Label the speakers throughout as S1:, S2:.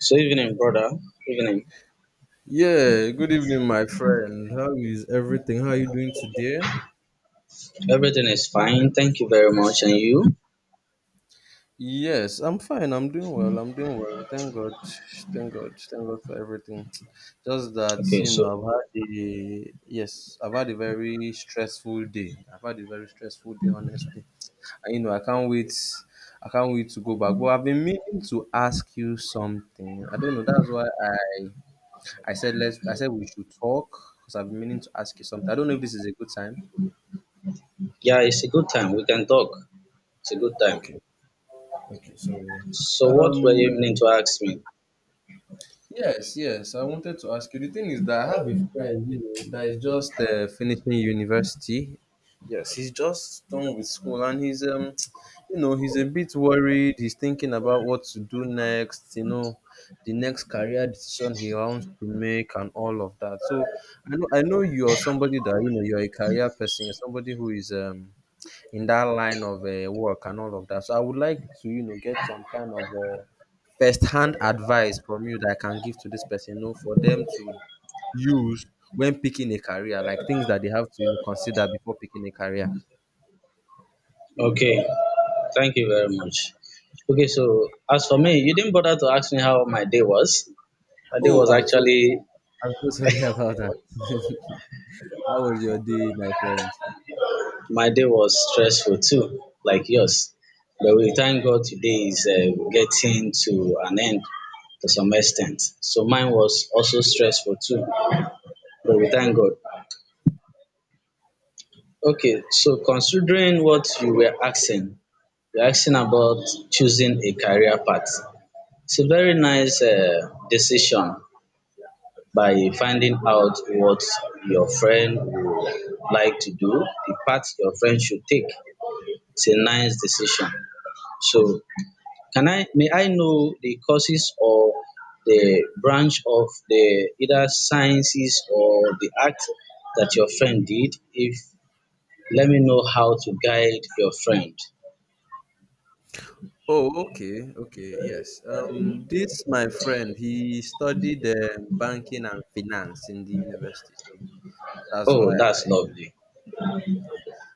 S1: So evening, brother. Evening.
S2: Yeah, good evening, my friend. How is everything? How are you doing today?
S1: Everything is fine. Thank you very much. And you?
S2: Yes, I'm fine. I'm doing well. I'm doing well. Thank God. Thank God. Thank God for everything. Just that,
S1: Okay. So
S2: I've had a yes, I've had a very stressful day. I've had a very stressful day, honestly. And I can't wait. I can't wait to go back. But I've been meaning to ask you something. I don't know. That's why I said we should talk because I've been meaning to ask you something. I don't know if this is a good time.
S1: yeah, it's a good time. We can talk. It's a good time.
S2: Okay.
S1: So what were you
S2: Um,
S1: meaning to ask me?
S2: Yes, yes. I wanted to ask you. The thing is that I have a friend, that is just finishing university. Yes, he's just done with school, and he's he's a bit worried. He's thinking about what to do next. You know, the next career decision he wants to make, and all of that. So I know you are somebody that you know you're a career person. You're somebody who is in that line of work and all of that. So I would like to, get some kind of first-hand advice from you that I can give to this person, for them to use when picking a career, like things that they have to, consider before picking a career.
S1: Okay. Thank you very much. Okay. So as for me, you didn't bother to ask me how my day was. My day
S2: Oh,
S1: was actually
S2: I'm so sorry about that. How was your day, my friend?
S1: my day was stressful too, like yours. But we thank God today is getting to an end to some extent. So mine was also stressful too. But we thank God. Okay, so considering what you were asking, you're asking about choosing a career path. It's a very nice decision by finding out what your friend would like to do, the path your friend should take. It's a nice decision. So, can I may I know the courses or the branch of the either sciences or the art that your friend did? If let me know how to guide your friend.
S2: Oh, okay, okay, yes. This my friend, he studied banking and finance in the university, so that's why
S1: Oh, that's
S2: I.
S1: lovely.
S2: Yes.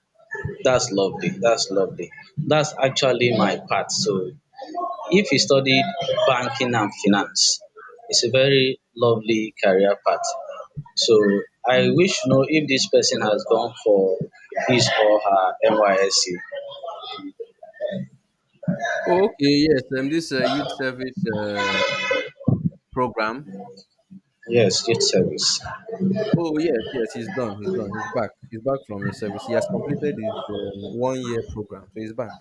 S1: That's lovely. That's lovely. That's actually my path. So, if you studied banking and finance, it's a very lovely career path. So, I wish to know if this person has gone for his or her NYSC.
S2: Okay, yes, this youth service program.
S1: Yes, youth service.
S2: Oh yes, yes, he's done. He's done. He's back. He's back from his service. He has completed his 1 year program, so he's back.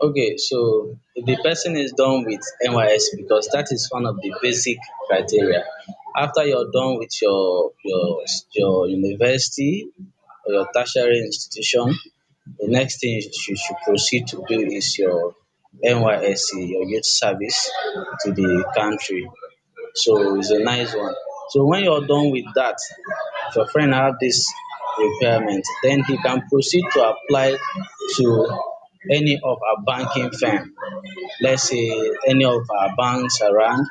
S1: Okay, so if the person is done with NYS because that is one of the basic criteria. After you're done with your your university or your tertiary institution, the next thing you should proceed to do is your NYSC, your youth service to the country. So it's a nice one. So when you're done with that, if your friend have this requirement, then he can proceed to apply to any of our banking firm. Let's say any of our banks around.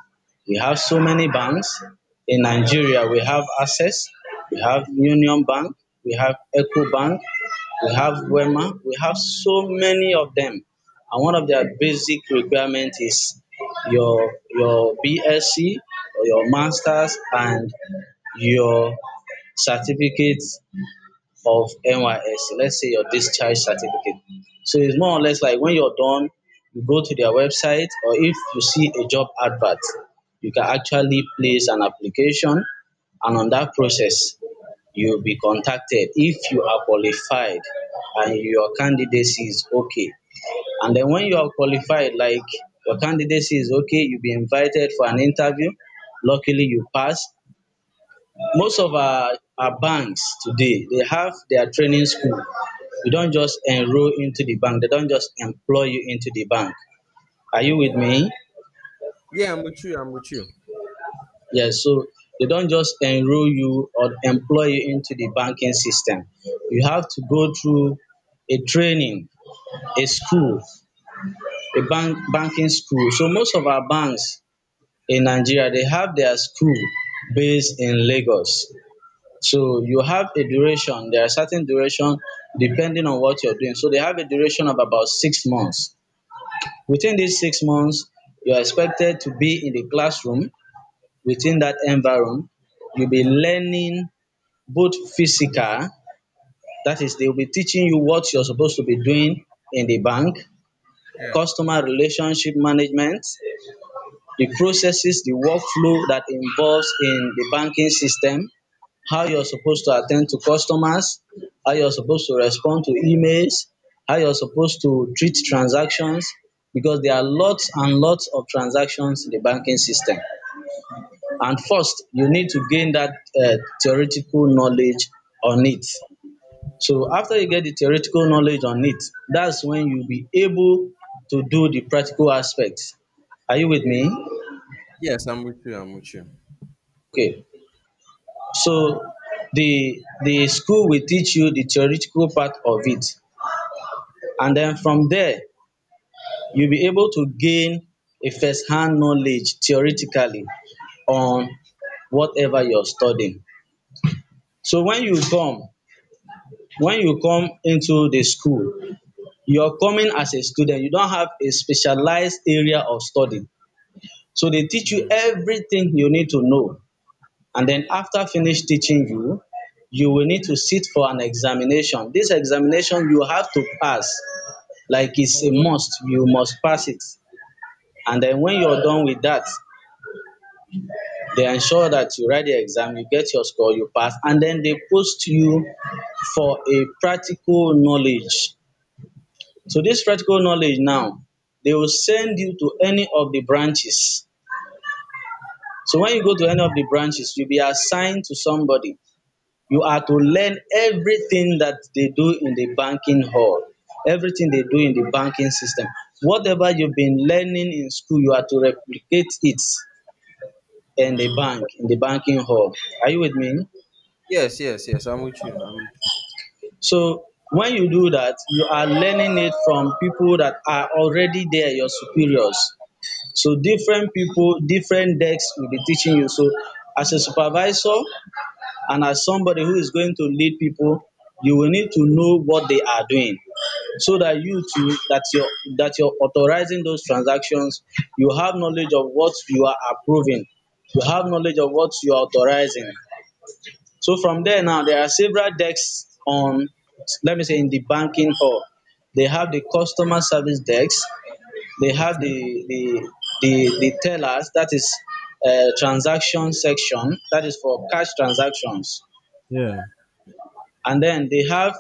S1: We have so many banks. In Nigeria, we have Access, we have Union Bank, we have Eco Bank, we have Wema, we have so many of them. And one of their basic requirement is your BSc, your masters and your certificates of NYSC. Let's say your discharge certificate. So it's more or less like when you're done, you go to their website, or if you see a job advert, you can actually place an application, and on that process, you'll be contacted if you are qualified and your candidacy is okay. And then when you are qualified, like your candidacy is okay, you'll be invited for an interview. Luckily, you pass, most of our banks today, they have their training school. You don't just enroll into the bank. They don't just employ you into the bank. Are you with
S2: Okay.
S1: me?
S2: Yeah, I'm with you. I'm with you.
S1: Yes. So they don't just enroll you or employ you into the banking system. You have to go through a training, a school, a banking school. So most of our banks in Nigeria, they have their school based in Lagos. So you have a duration. There are certain duration depending on what you're doing. So they have a duration of about 6 months. Within these 6 months, you are expected to be in the classroom within that environment. You'll be learning both physical, that is, they'll be teaching you what you're supposed to be doing in the bank,
S2: Yeah.
S1: customer relationship management, the processes, the workflow that involves in the banking system, how you're supposed to attend to customers, how you're supposed to respond to emails, how you're supposed to treat transactions because there are lots and lots of transactions in the banking system. And first, you need to gain that uh, theoretical knowledge on it. So after you get the theoretical knowledge on it, that's when you'll be able to do the practical aspects. Are you with me?
S2: Yes, I'm with you. I'm with you.
S1: Okay. So the school will teach you the theoretical part of it, and then from there you'll be able to gain a first-hand knowledge theoretically on whatever you're studying. So when you come into the school, you're coming as a student. You don't have a specialized area of study. So they teach you
S2: Mm.
S1: everything you need to know, and then after finish teaching you, you will need to sit for an examination. This examination you have to pass, like it's
S2: Oh,
S1: a
S2: wow.
S1: must, you must pass it. And then when you're done with that, they ensure that you write the exam, you get your score, you pass, and then they post you for a practical knowledge. So this practical knowledge now, they will send you to any of the branches. So when you go to any of the branches, you'll be assigned to somebody. You are to learn everything that they do in the banking hall, everything they do in the banking system. Whatever you've been learning in school, you are to replicate it in the
S2: Mm.
S1: bank, in the banking hall. Are you with me?
S2: Yes, yes, yes, I'm with you. I'm
S1: So when you do that, you are learning it from people that are already there, your superiors. So different people, different decks will be teaching you. So as a supervisor and as somebody who is going to lead people, you will need to know what they are doing, so that you too that you're authorizing those transactions, you have knowledge of what you are approving, you have knowledge of what you are authorizing. So from there now, there are several desks on, let me say, in the banking hall, they have the customer service desk, they
S2: with
S1: have
S2: you. Okay.
S1: the the the tellers, that is transaction section, that is for cash transactions,
S2: Yeah.
S1: and then they have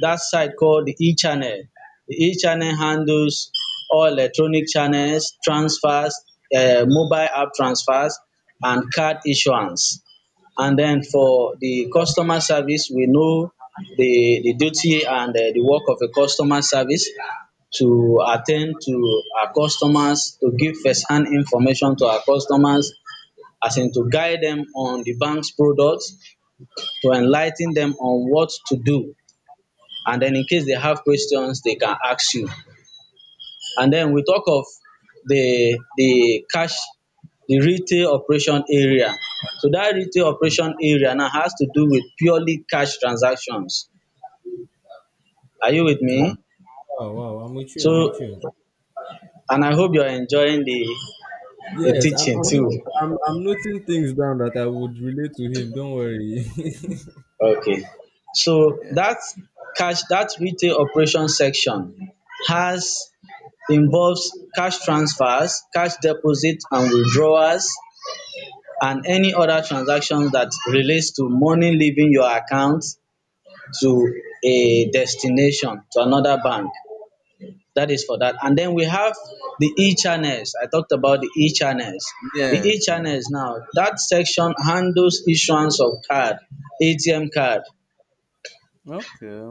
S1: that site called the e-channel. The e-channel handles all electronic channels, transfers, mobile app transfers, and card issuance. And then for the customer service, we know the duty and the work of a customer service to attend to our customers, to give first-hand information to our customers, as in to guide them on the bank's products, to enlighten them on what to do, and then in case they have questions they can ask you. And then we talk of the cash, the retail operation area. So that retail operation area now has to do with purely cash transactions. Are you with me?
S2: Wow. Wow, wow, I'm with you. I'm
S1: So,
S2: with you.
S1: and I hope you're enjoying the
S2: Yes,
S1: teaching
S2: I'm
S1: too.
S2: even I'm noting things down that I would relate to him. Don't worry.
S1: Okay. So
S2: Yeah,
S1: that cash, that retail operation section has, involves cash transfers, cash deposits, and withdrawals and any other transactions that relates to money leaving your account to a destination, to another bank. That is for that. And then we have the e-channels. I talked about the e-channels. The
S2: yes, yes.
S1: e-channels now, that section handles issuance of card, ATM card.
S2: Okay.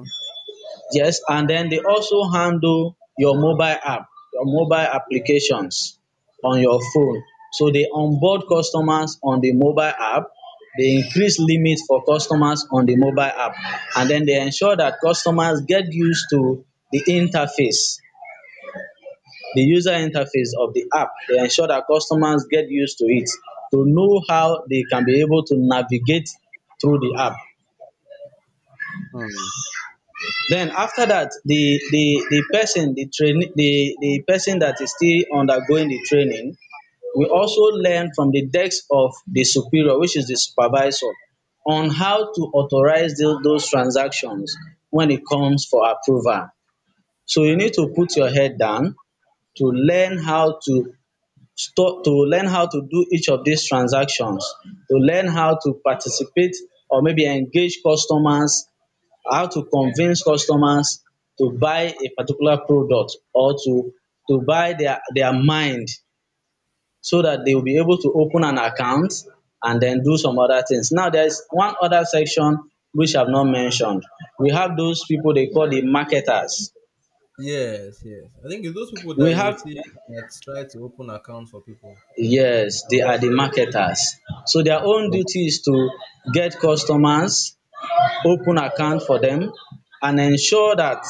S1: Yes, and then they also handle your mobile app, your mobile applications on your phone. So they onboard customers on the mobile app, they increase limits for customers on the mobile app, and then they ensure that customers get used to the interface, the user interface of the app. They ensure that customers get used to it to know how they can be able to navigate through the app.
S2: Hmm.
S1: Then after that, the person the train the person that is still undergoing the training will also learn from the desk of the superior, which is the supervisor, on how to authorize those transactions when it comes for approval. So you need to put your head down to learn how to stop to learn how to do each of these transactions, to learn how to participate or maybe engage customers, how to convince customers to buy a particular product or to buy their mind so that they will be able to open an account and then do some other things. Now there is one other section which I've not mentioned. We have those people they call the marketers.
S2: Yes, yes. I think it's those people
S1: We
S2: that you
S1: have
S2: see that try to open accounts for people.
S1: yes, they are the marketers. So their own duty is to get customers, open account for them and ensure that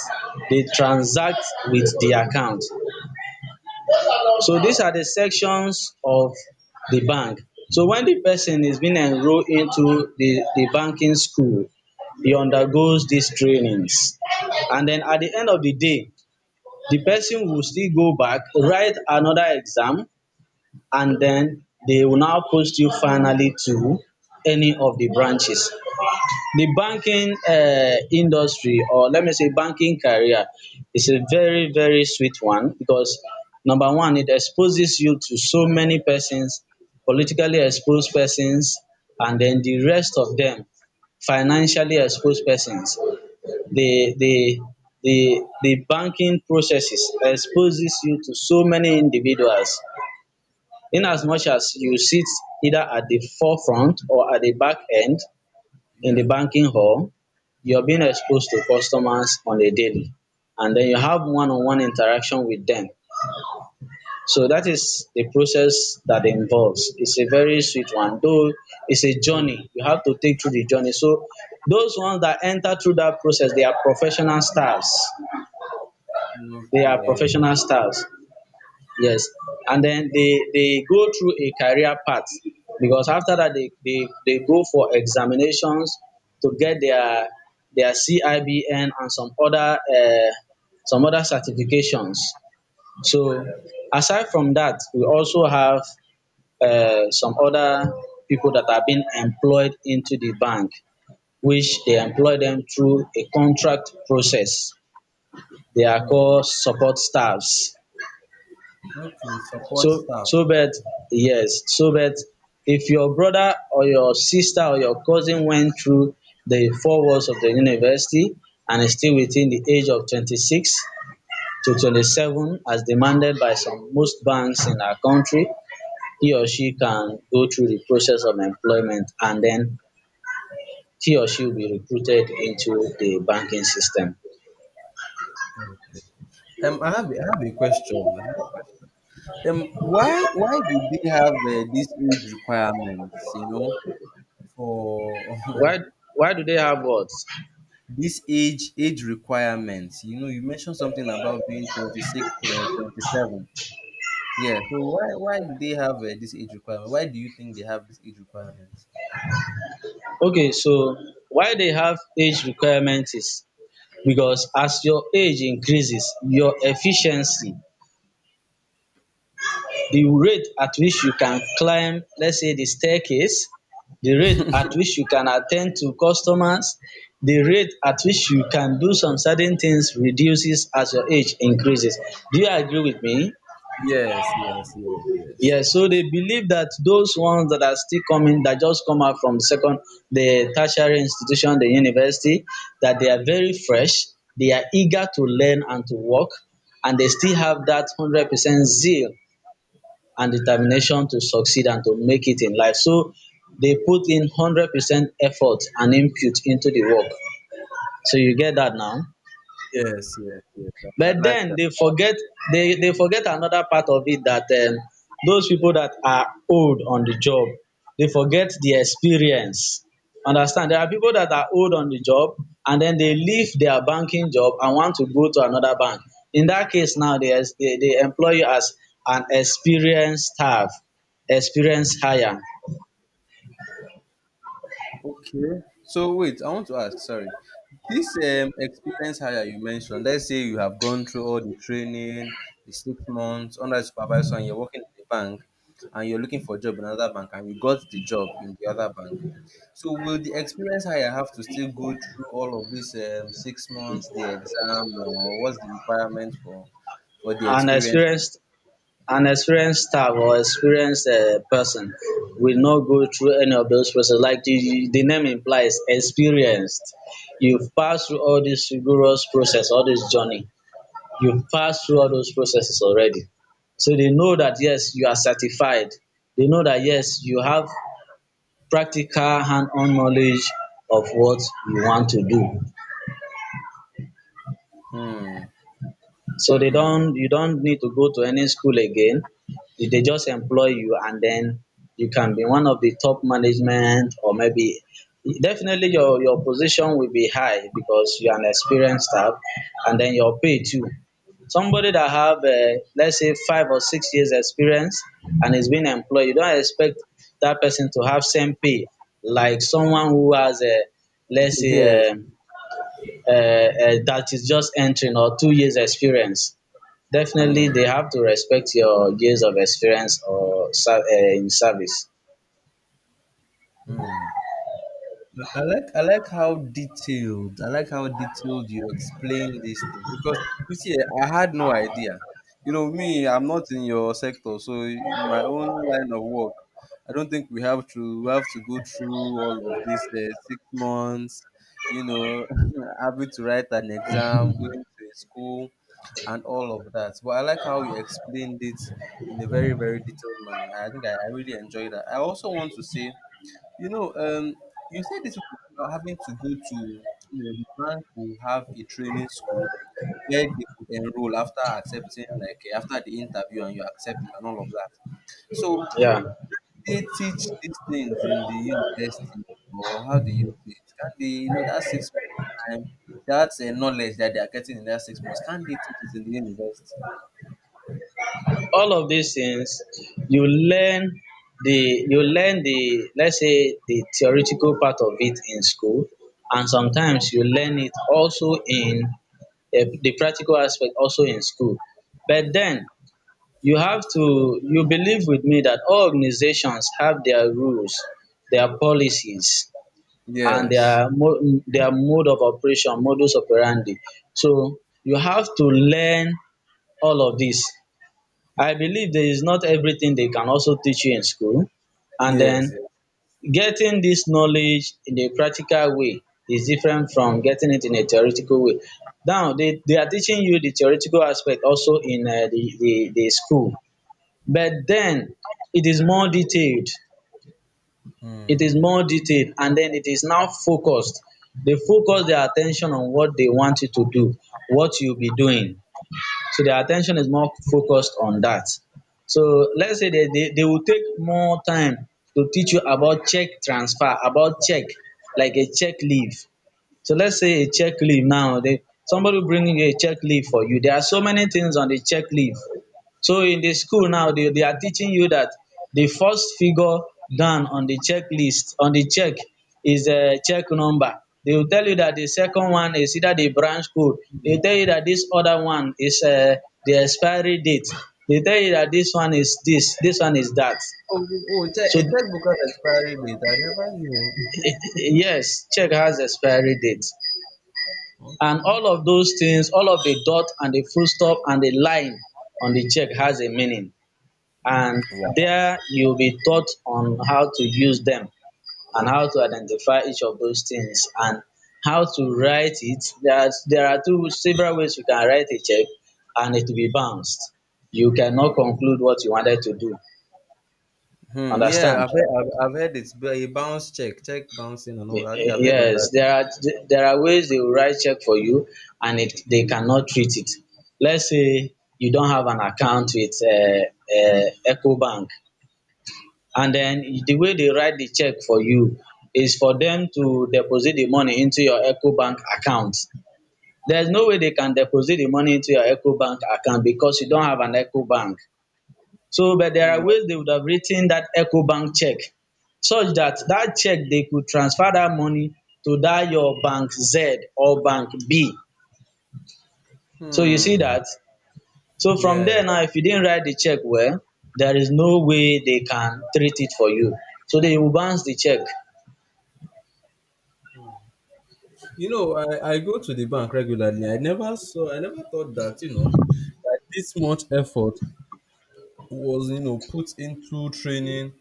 S1: they transact with the account. So these are the sections of the bank. So when the person is being enrolled into the banking school, he undergoes these trainings. And then at the end of the day, the person will still go back, write another exam, and then they will now post you finally to any of the branches. The banking industry, or let me say banking career, is a very very sweet one because number one, it exposes you to so many persons, politically exposed persons, and then the rest of them, financially exposed persons. The the the banking processes exposes you to so many individuals. In as much as you sit either at the forefront or at the back end in the
S2: Yeah.
S1: banking hall, you're being exposed to customers on a daily, and then you have one-on-one interaction with them. So that is the process that involves. It's a very sweet one, though it's a journey. You have to take through the journey. So those ones that enter through that process, they are professional stars. They are
S2: Okay.
S1: professional stars. Yes. And then they go through a career path because after that they go for examinations to get their CIBN and some other certifications. So aside from that, we also have some other people that are being employed into the bank, which they employ them through a contract process. They are
S2: Hmm.
S1: called support staffs.
S2: Okay.
S1: So so but yes, so but if your brother or your sister or your cousin went through the four walls of the university and is still within the age of 26 to 27 as demanded by some most banks in our country, he or she can go through the process of employment and then he or she will be recruited into the banking system.
S2: I have a question. I have a question. Why do they have these age requirements? You know, for
S1: Why why do they have what?
S2: this age requirements. You know, you mentioned something about being 26, 27. Yeah. So why do they have this age requirement? Why do you think they have this age requirement?
S1: Okay, so why they have age requirement is because as your age increases, your efficiency, the rate at which you can climb, let's say the staircase, the rate at which you can attend to customers, the rate at which you can do some certain things reduces as your age increases. Do you agree with me?
S2: Yes, yes, yes, yes,
S1: Yes, so they
S2: yes,
S1: believe that those ones that are still coming, that just come out from second, the tertiary institution, the university, that they are very fresh, they are eager to learn and to work, and they still have that 100% zeal and determination to succeed and to make it in life. So they put in 100% effort and input into the work. So you get that now?
S2: yes, yes, yes. I
S1: But
S2: like
S1: den
S2: that.
S1: dey forget, dey forget anoda part of it dat those pipu dat are old on the job dey forget the experience. Understand, there are pipu dat are old on the job and den they leave their banking job and want to go to another bank. In dat case now, they employ you as an experienced staff, experienced hire,
S2: Okay. So wait, I want to ask. Sorry, this experience hire you mentioned. Let's say you have gone through all the training, the 6 months under supervision. You're working in the bank, and you're looking for a job in another bank, and you got the job in the other bank. So will the experience hire have to still go through all of this 6 months, the exam, or what's the requirement for the
S1: an
S2: experience?
S1: experienced. An experienced staff or experienced person will not go through any of those process like the name implies experienced. You've passed through all these rigorous process, all this journey. You've passed through all those processes already. So they know that yes you are certified. They know that yes you have practical hand on knowledge of what you want to do.
S2: Hmm.
S1: So they
S2: Hmm.
S1: don't you don't need to go to any school again. If they just employ you and then you can be one of the top management or maybe definitely your position will be high because you're an experienced staff and then your pay too. Somebody that have let's say 5 or 6 years experience and is being employed, you don't expect that person to have same pay like someone who has a let's
S2: Yes.
S1: say that is just entering or 2 years experience, definitely
S2: Mm,
S1: they have to respect your years of experience or ser- eh, in service.
S2: mm. I like how detailed I like how detailed you explain this thing because you see I had no idea. You know me, I'm not in your sector, so in my own line of work, I don't think we have to go through all of this 6 months. You know, having to write an exam, going to a school, and all of that. But I like how you explained it in a very very detailed manner. I think I really enjoy that. I also want to say. You know, um, you said this people having to go to, the bank will have a training school where they could enroll after accepting, like after the interview and you accept it and all of that. So
S1: Yeah,
S2: they teach these things in the university, or how do you see it? Can they, that 6 months time, that's a knowledge that they are getting in that 6 months, can they teach it in the university?
S1: all of these things you learn the you learn the, let's say, the theoretical part of it in school and sometimes you learn it also in eh, the practical aspect also in school, but then you have to, you believe with me that all organizations have their rules, their policies, and
S2: Yes.
S1: their their mode of operation, modus operandi. So you have to learn all of this. I believe there is not everything they can also teach you in school, and
S2: Yes.
S1: then
S2: Yes.
S1: getting this knowledge in a practical way is different from getting it in a theoretical way. Now they are teaching you the theoretical aspect also in the, the school, but then it is more detailed, it is
S2: Hmm.
S1: more detailed and then it is now focused. They focus their attention on what they want you to do, what you'll be doing. So their attention is more focused on that. So let's say they will take more time to teach you about check transfer, about check, like a check leave. So let's say a check leave now, they, somebody will bring you a check leave for you. There are so many things on the check leave. So in the school now, they are teaching you that the first figure down on the checklist, on the check, is a check number. They will tell you that the second one is either the branch code.
S2: Mm.
S1: They tell you that this other one is the expiry date. They tell you that this one is this, this one is that.
S2: Oh, oh, check,
S1: So
S2: a checkbook has expiry date. I never knew.
S1: eh, yes, check has expiry date. And all of those things, all of the dot and the full stop and the line on the check has a meaning. And
S2: Oh.
S1: there you'll be taught on how to use them and how to identify each of those things and how to write it. There are two several ways you can write a check and it will be bounced. You cannot conclude what you wanted to do.
S2: Hmm. Yeah,
S1: Understand?
S2: I've heard it's a bounce check, bouncing and all that. I think I've heard of that.
S1: Yes, there are, there are ways they will write check for you and it, they cannot treat it. Let's say you don't have an account with EcoBank and then the way they write the check for you is for them to deposit the money into your EcoBank account. There's no way they can deposit the money into your EcoBank account because you don't have an EcoBank. So, but there
S2: Hmm.
S1: are ways they would have written that EcoBank check such that that check they could transfer that money to that your bank Z or bank B. So you see
S2: Hmm.
S1: that? So from
S2: Yeah.
S1: there now, if you didn't write the check well, there is no way they can treat it for you. So they will bounce the check.
S2: You know, I go to the bank regularly. I never thought that, that this much effort was, put into training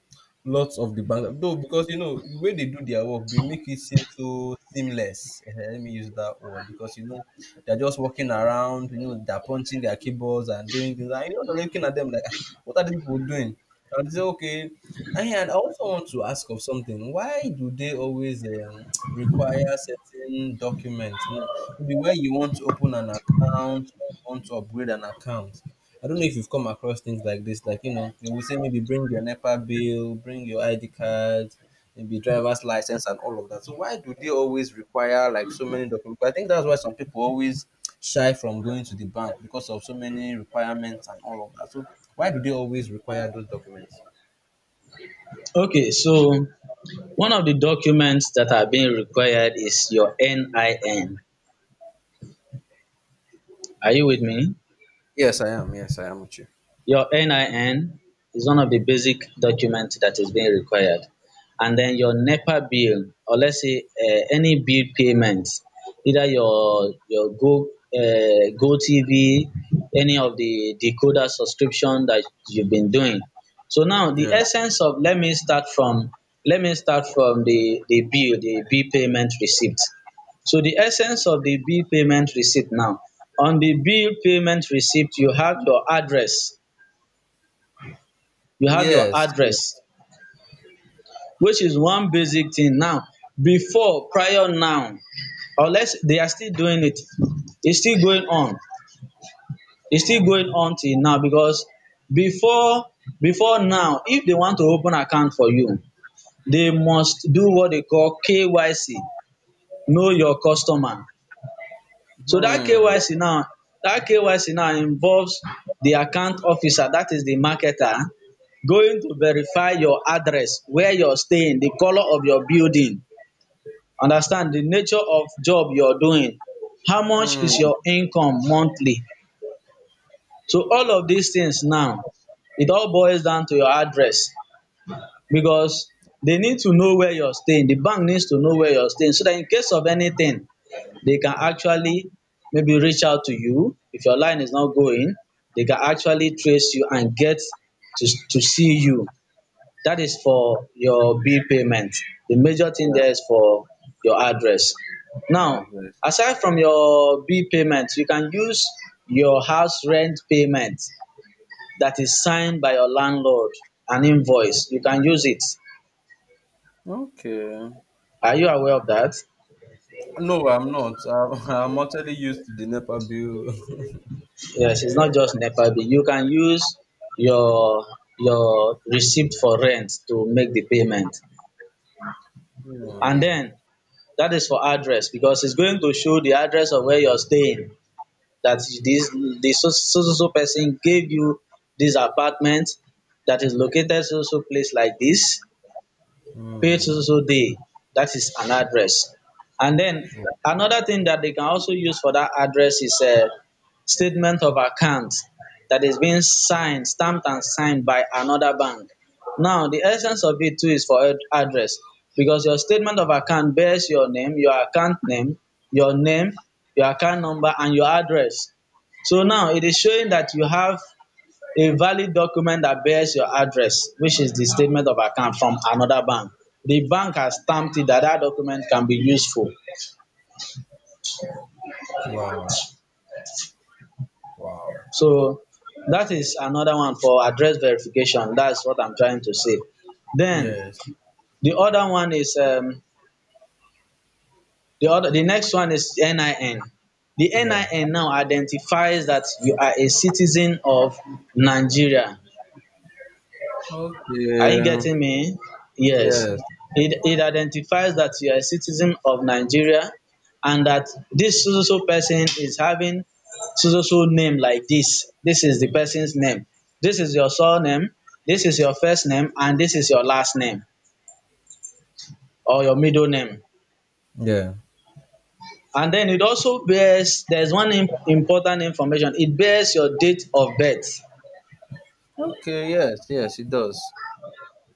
S2: lots of the banks, though, because you know the way they do their work, they make it seem so seamless. Eh, let me use that word because you know they're just walking around, you know they're punching their keyboards and doing things, and you know they're looking at them like, "Ah, what are these people doing?" And they say okay. And I also want to ask of something. Why do they always require certain documents? You know, maybe where you want to open an account or you want to upgrade an account. I don't know if you've come across things like this, like you know, they will say maybe bring your NEPA bill, bring your ID card, maybe driver's license and all of that. So why do they always require like so many documents? I think that's why some people always shy from going to the bank because of so many requirements and all of that. So why do they always require those documents?
S1: Okay, so one of the documents that are being required is your NIN. Are you with me?
S2: Yes, I am. Yes, I am with you.
S1: Your NIN is one of the basic documents that is being required. And then your NEPA bill, or let's say any bill payment, either your Go Go TV, any of the decoder subscription that you've been doing. So now the
S2: Yeah.
S1: essence of, let me start from, the, the bill payment receipt. So the essence of the bill payment receipt now, on the bill payment receipt, you have your address, you have your
S2: Yes.
S1: address,
S2: Yes.
S1: which is one basic thing now. Before, prior now, unless they are still doing it, it's still going on. It's still going on till now because before before now, if they want to open account for you, they must do what they call KYC, know your customer. So that
S2: Hmm.
S1: KYC now, that KYC now involves the account officer, that is the marketer, going to verify your address, where you're staying, the color of your building, understand the nature of job you're doing, how much
S2: Hmm.
S1: is your income monthly. So all of these things now, it all boils down to your address because they need to know where you're staying. The bank needs to know where you're staying so that in case of anything, they can actually maybe reach out to you. If your line is not going, they can actually trace you and get to see you. That is for your bill payment. The major thing
S2: Yeah.
S1: there is for your address.
S2: Yeah.
S1: Now,
S2: Advice.
S1: aside from your bill payment, you can use your house rent payment that is signed by your landlord, an invoice. You can use it.
S2: Okay.
S1: Are you aware of that?
S2: No, I'm not. I'm, I'm actually used to the NEPA bill.
S1: Yes, it's not just NEPA bill. You can use your your receipt for rent to make the payment. And
S2: Hmm.
S1: then that is for address because it's going to show the address of where you're staying. That this this so so so so person gave you this apartment that is located so so place like this. Pay
S2: Hmm.
S1: so so day, that is an address. And then another thing that they can also use for that address is a statement of account that is being signed, stamped and signed by another bank. Now the essence of it too is for ad- address because your statement of account bears your name, your account name, your name, your account number and your address. So now it is showing that you have a valid document that bears your address, which is the statement of account from another bank. The bank has stamped it that that document can be useful.
S2: Wow. Wow.
S1: So that is another one for address verification. That's what I'm trying to say. Then
S2: Yes.
S1: the other one is the other, the next one is NIN. The
S2: Yeah.
S1: NIN now identifies that you are a citizen of Nigeria. Are you
S2: Okay.
S1: getting me? Yes.
S2: Yes.
S1: It identifies that you are a citizen of Nigeria and that this so so so person is having so so so name like this. This is the person's name. This is your surname. This is your first name and this is your last name or your middle name.
S2: Yeah.
S1: And then it also bears, there's one im- important information. It bears your date of birth.
S2: Okay. Yes. Yes. It does.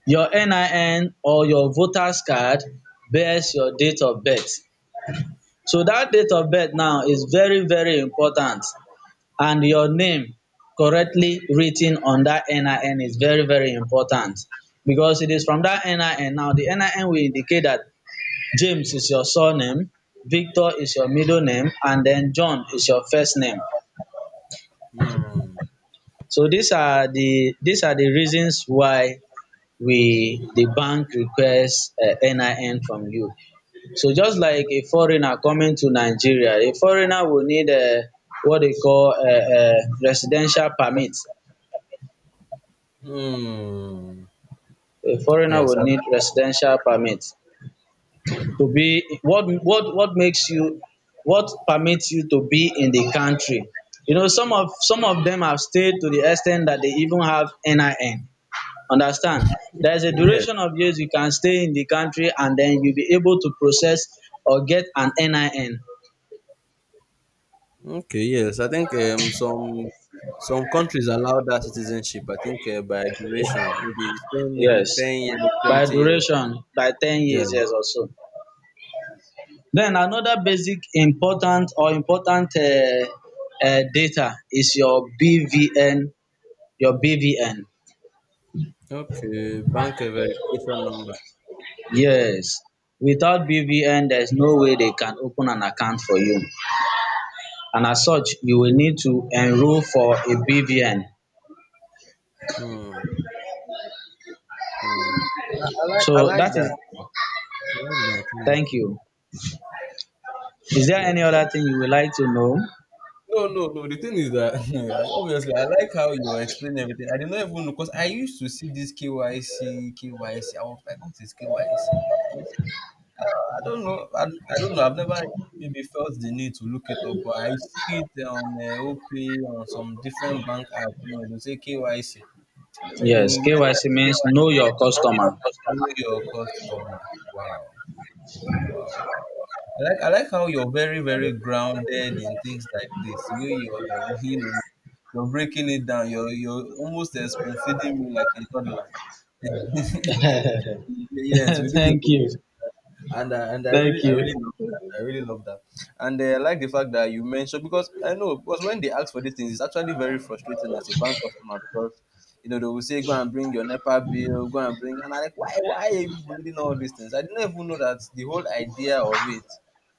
S1: Your NIN or your voter's card bears your date of birth. So that date of birth now is very, very important. And your name correctly written on that NIN is very, very important. Because it is from that NIN now, the NIN will indicate that James is your surname, Victor is your middle name, and then John is your first name.
S2: Hmm.
S1: So these are the, these are the reasons why we the bank requests a NIN from you. So just like a foreigner coming to Nigeria, a foreigner will need what they call residential permit.
S2: Hmm.
S1: A foreigner
S2: Yes.
S1: will
S2: I,
S1: need residential permit to be what what makes you, what permits you to be in the country. You know some of them have stayed to the extent that they even have NIN. Understand? There is a
S2: yeah.
S1: duration of years you can stay in the country and then you'll be able to process or get an NIN.
S2: Okay. Yes. I think some countries allow that citizenship. I think by duration, maybe 10. Maybe
S1: Yes,
S2: 10 years,
S1: by
S2: 20 years.
S1: duration, by ten
S2: Yeah.
S1: years, yes also. Then another basic important or important data is your BVN, your BVN.
S2: Okay. Bank verification number.
S1: Yes, without BVN there is no way they can open an account for you and as such you will need to enroll for a BVN.
S2: Hmm. Hmm. I
S1: So
S2: like
S1: that
S2: that.
S1: is,
S2: I like
S1: thank
S2: that.
S1: you. Is there any
S2: Yeah.
S1: other thing you would like to know?
S2: No, no, no. The thing is that obviously I like how you explain everything. I did not even know because I used to see this KYC, KYC. I was like, what is KYC? I, I don't know. I don't know. I've never maybe felt the need to look it up, but I see it on OP on some different bank app. You know, they say KYC. I don't know.
S1: Yes,
S2: We meant
S1: KYC means know your customer.
S2: to know your customer. Wow, wow. I like how you're very very grounded in things like this. The way you're you know, you're breaking it down. You're almost spoon feeding me like a toddler. Yes, with this
S1: Thank
S2: information.
S1: you.
S2: And uh, and I
S1: Thank
S2: really I really
S1: you.
S2: love that. I really love that. And I like the fact that you mentioned, because I know, because when they ask for these things, it's actually very frustrating as a bank customer, because you know they will say go and bring your NEPA bill, go and bring, and I like, why are you people needing all these things? I didn't even know that the whole idea of it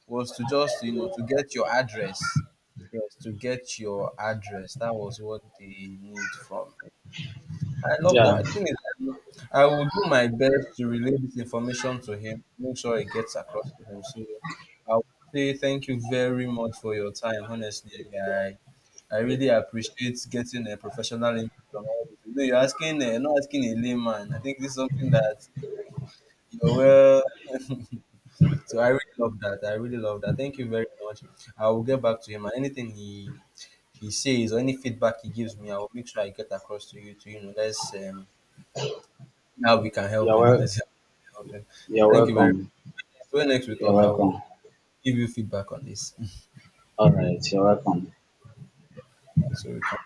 S2: was to just to get your address. Yes, to get your address. That was what they need from. I love
S1: Yeah,
S2: that. The thing is, um, I will do my best to relay this information to him, make sure it gets across to him. So I would say thank you very much for your time. Honestly, I really appreciate getting a professional input on all this. You know, you're asking, not asking a layman. I think this is something that you're well. So I really love that. I really love that. Thank you very much. I will get back to him, and anything he says or any feedback he gives me, I will make sure I get across to you. To you know, let's now we can help
S1: you're
S2: him. Let's
S1: wel-
S2: help him. So
S1: you're
S2: thank you very
S1: welcome.
S2: much. When next we
S1: You're
S2: talk, I will
S1: welcome.
S2: give you feedback on this.
S1: All right, you're welcome.
S2: So we can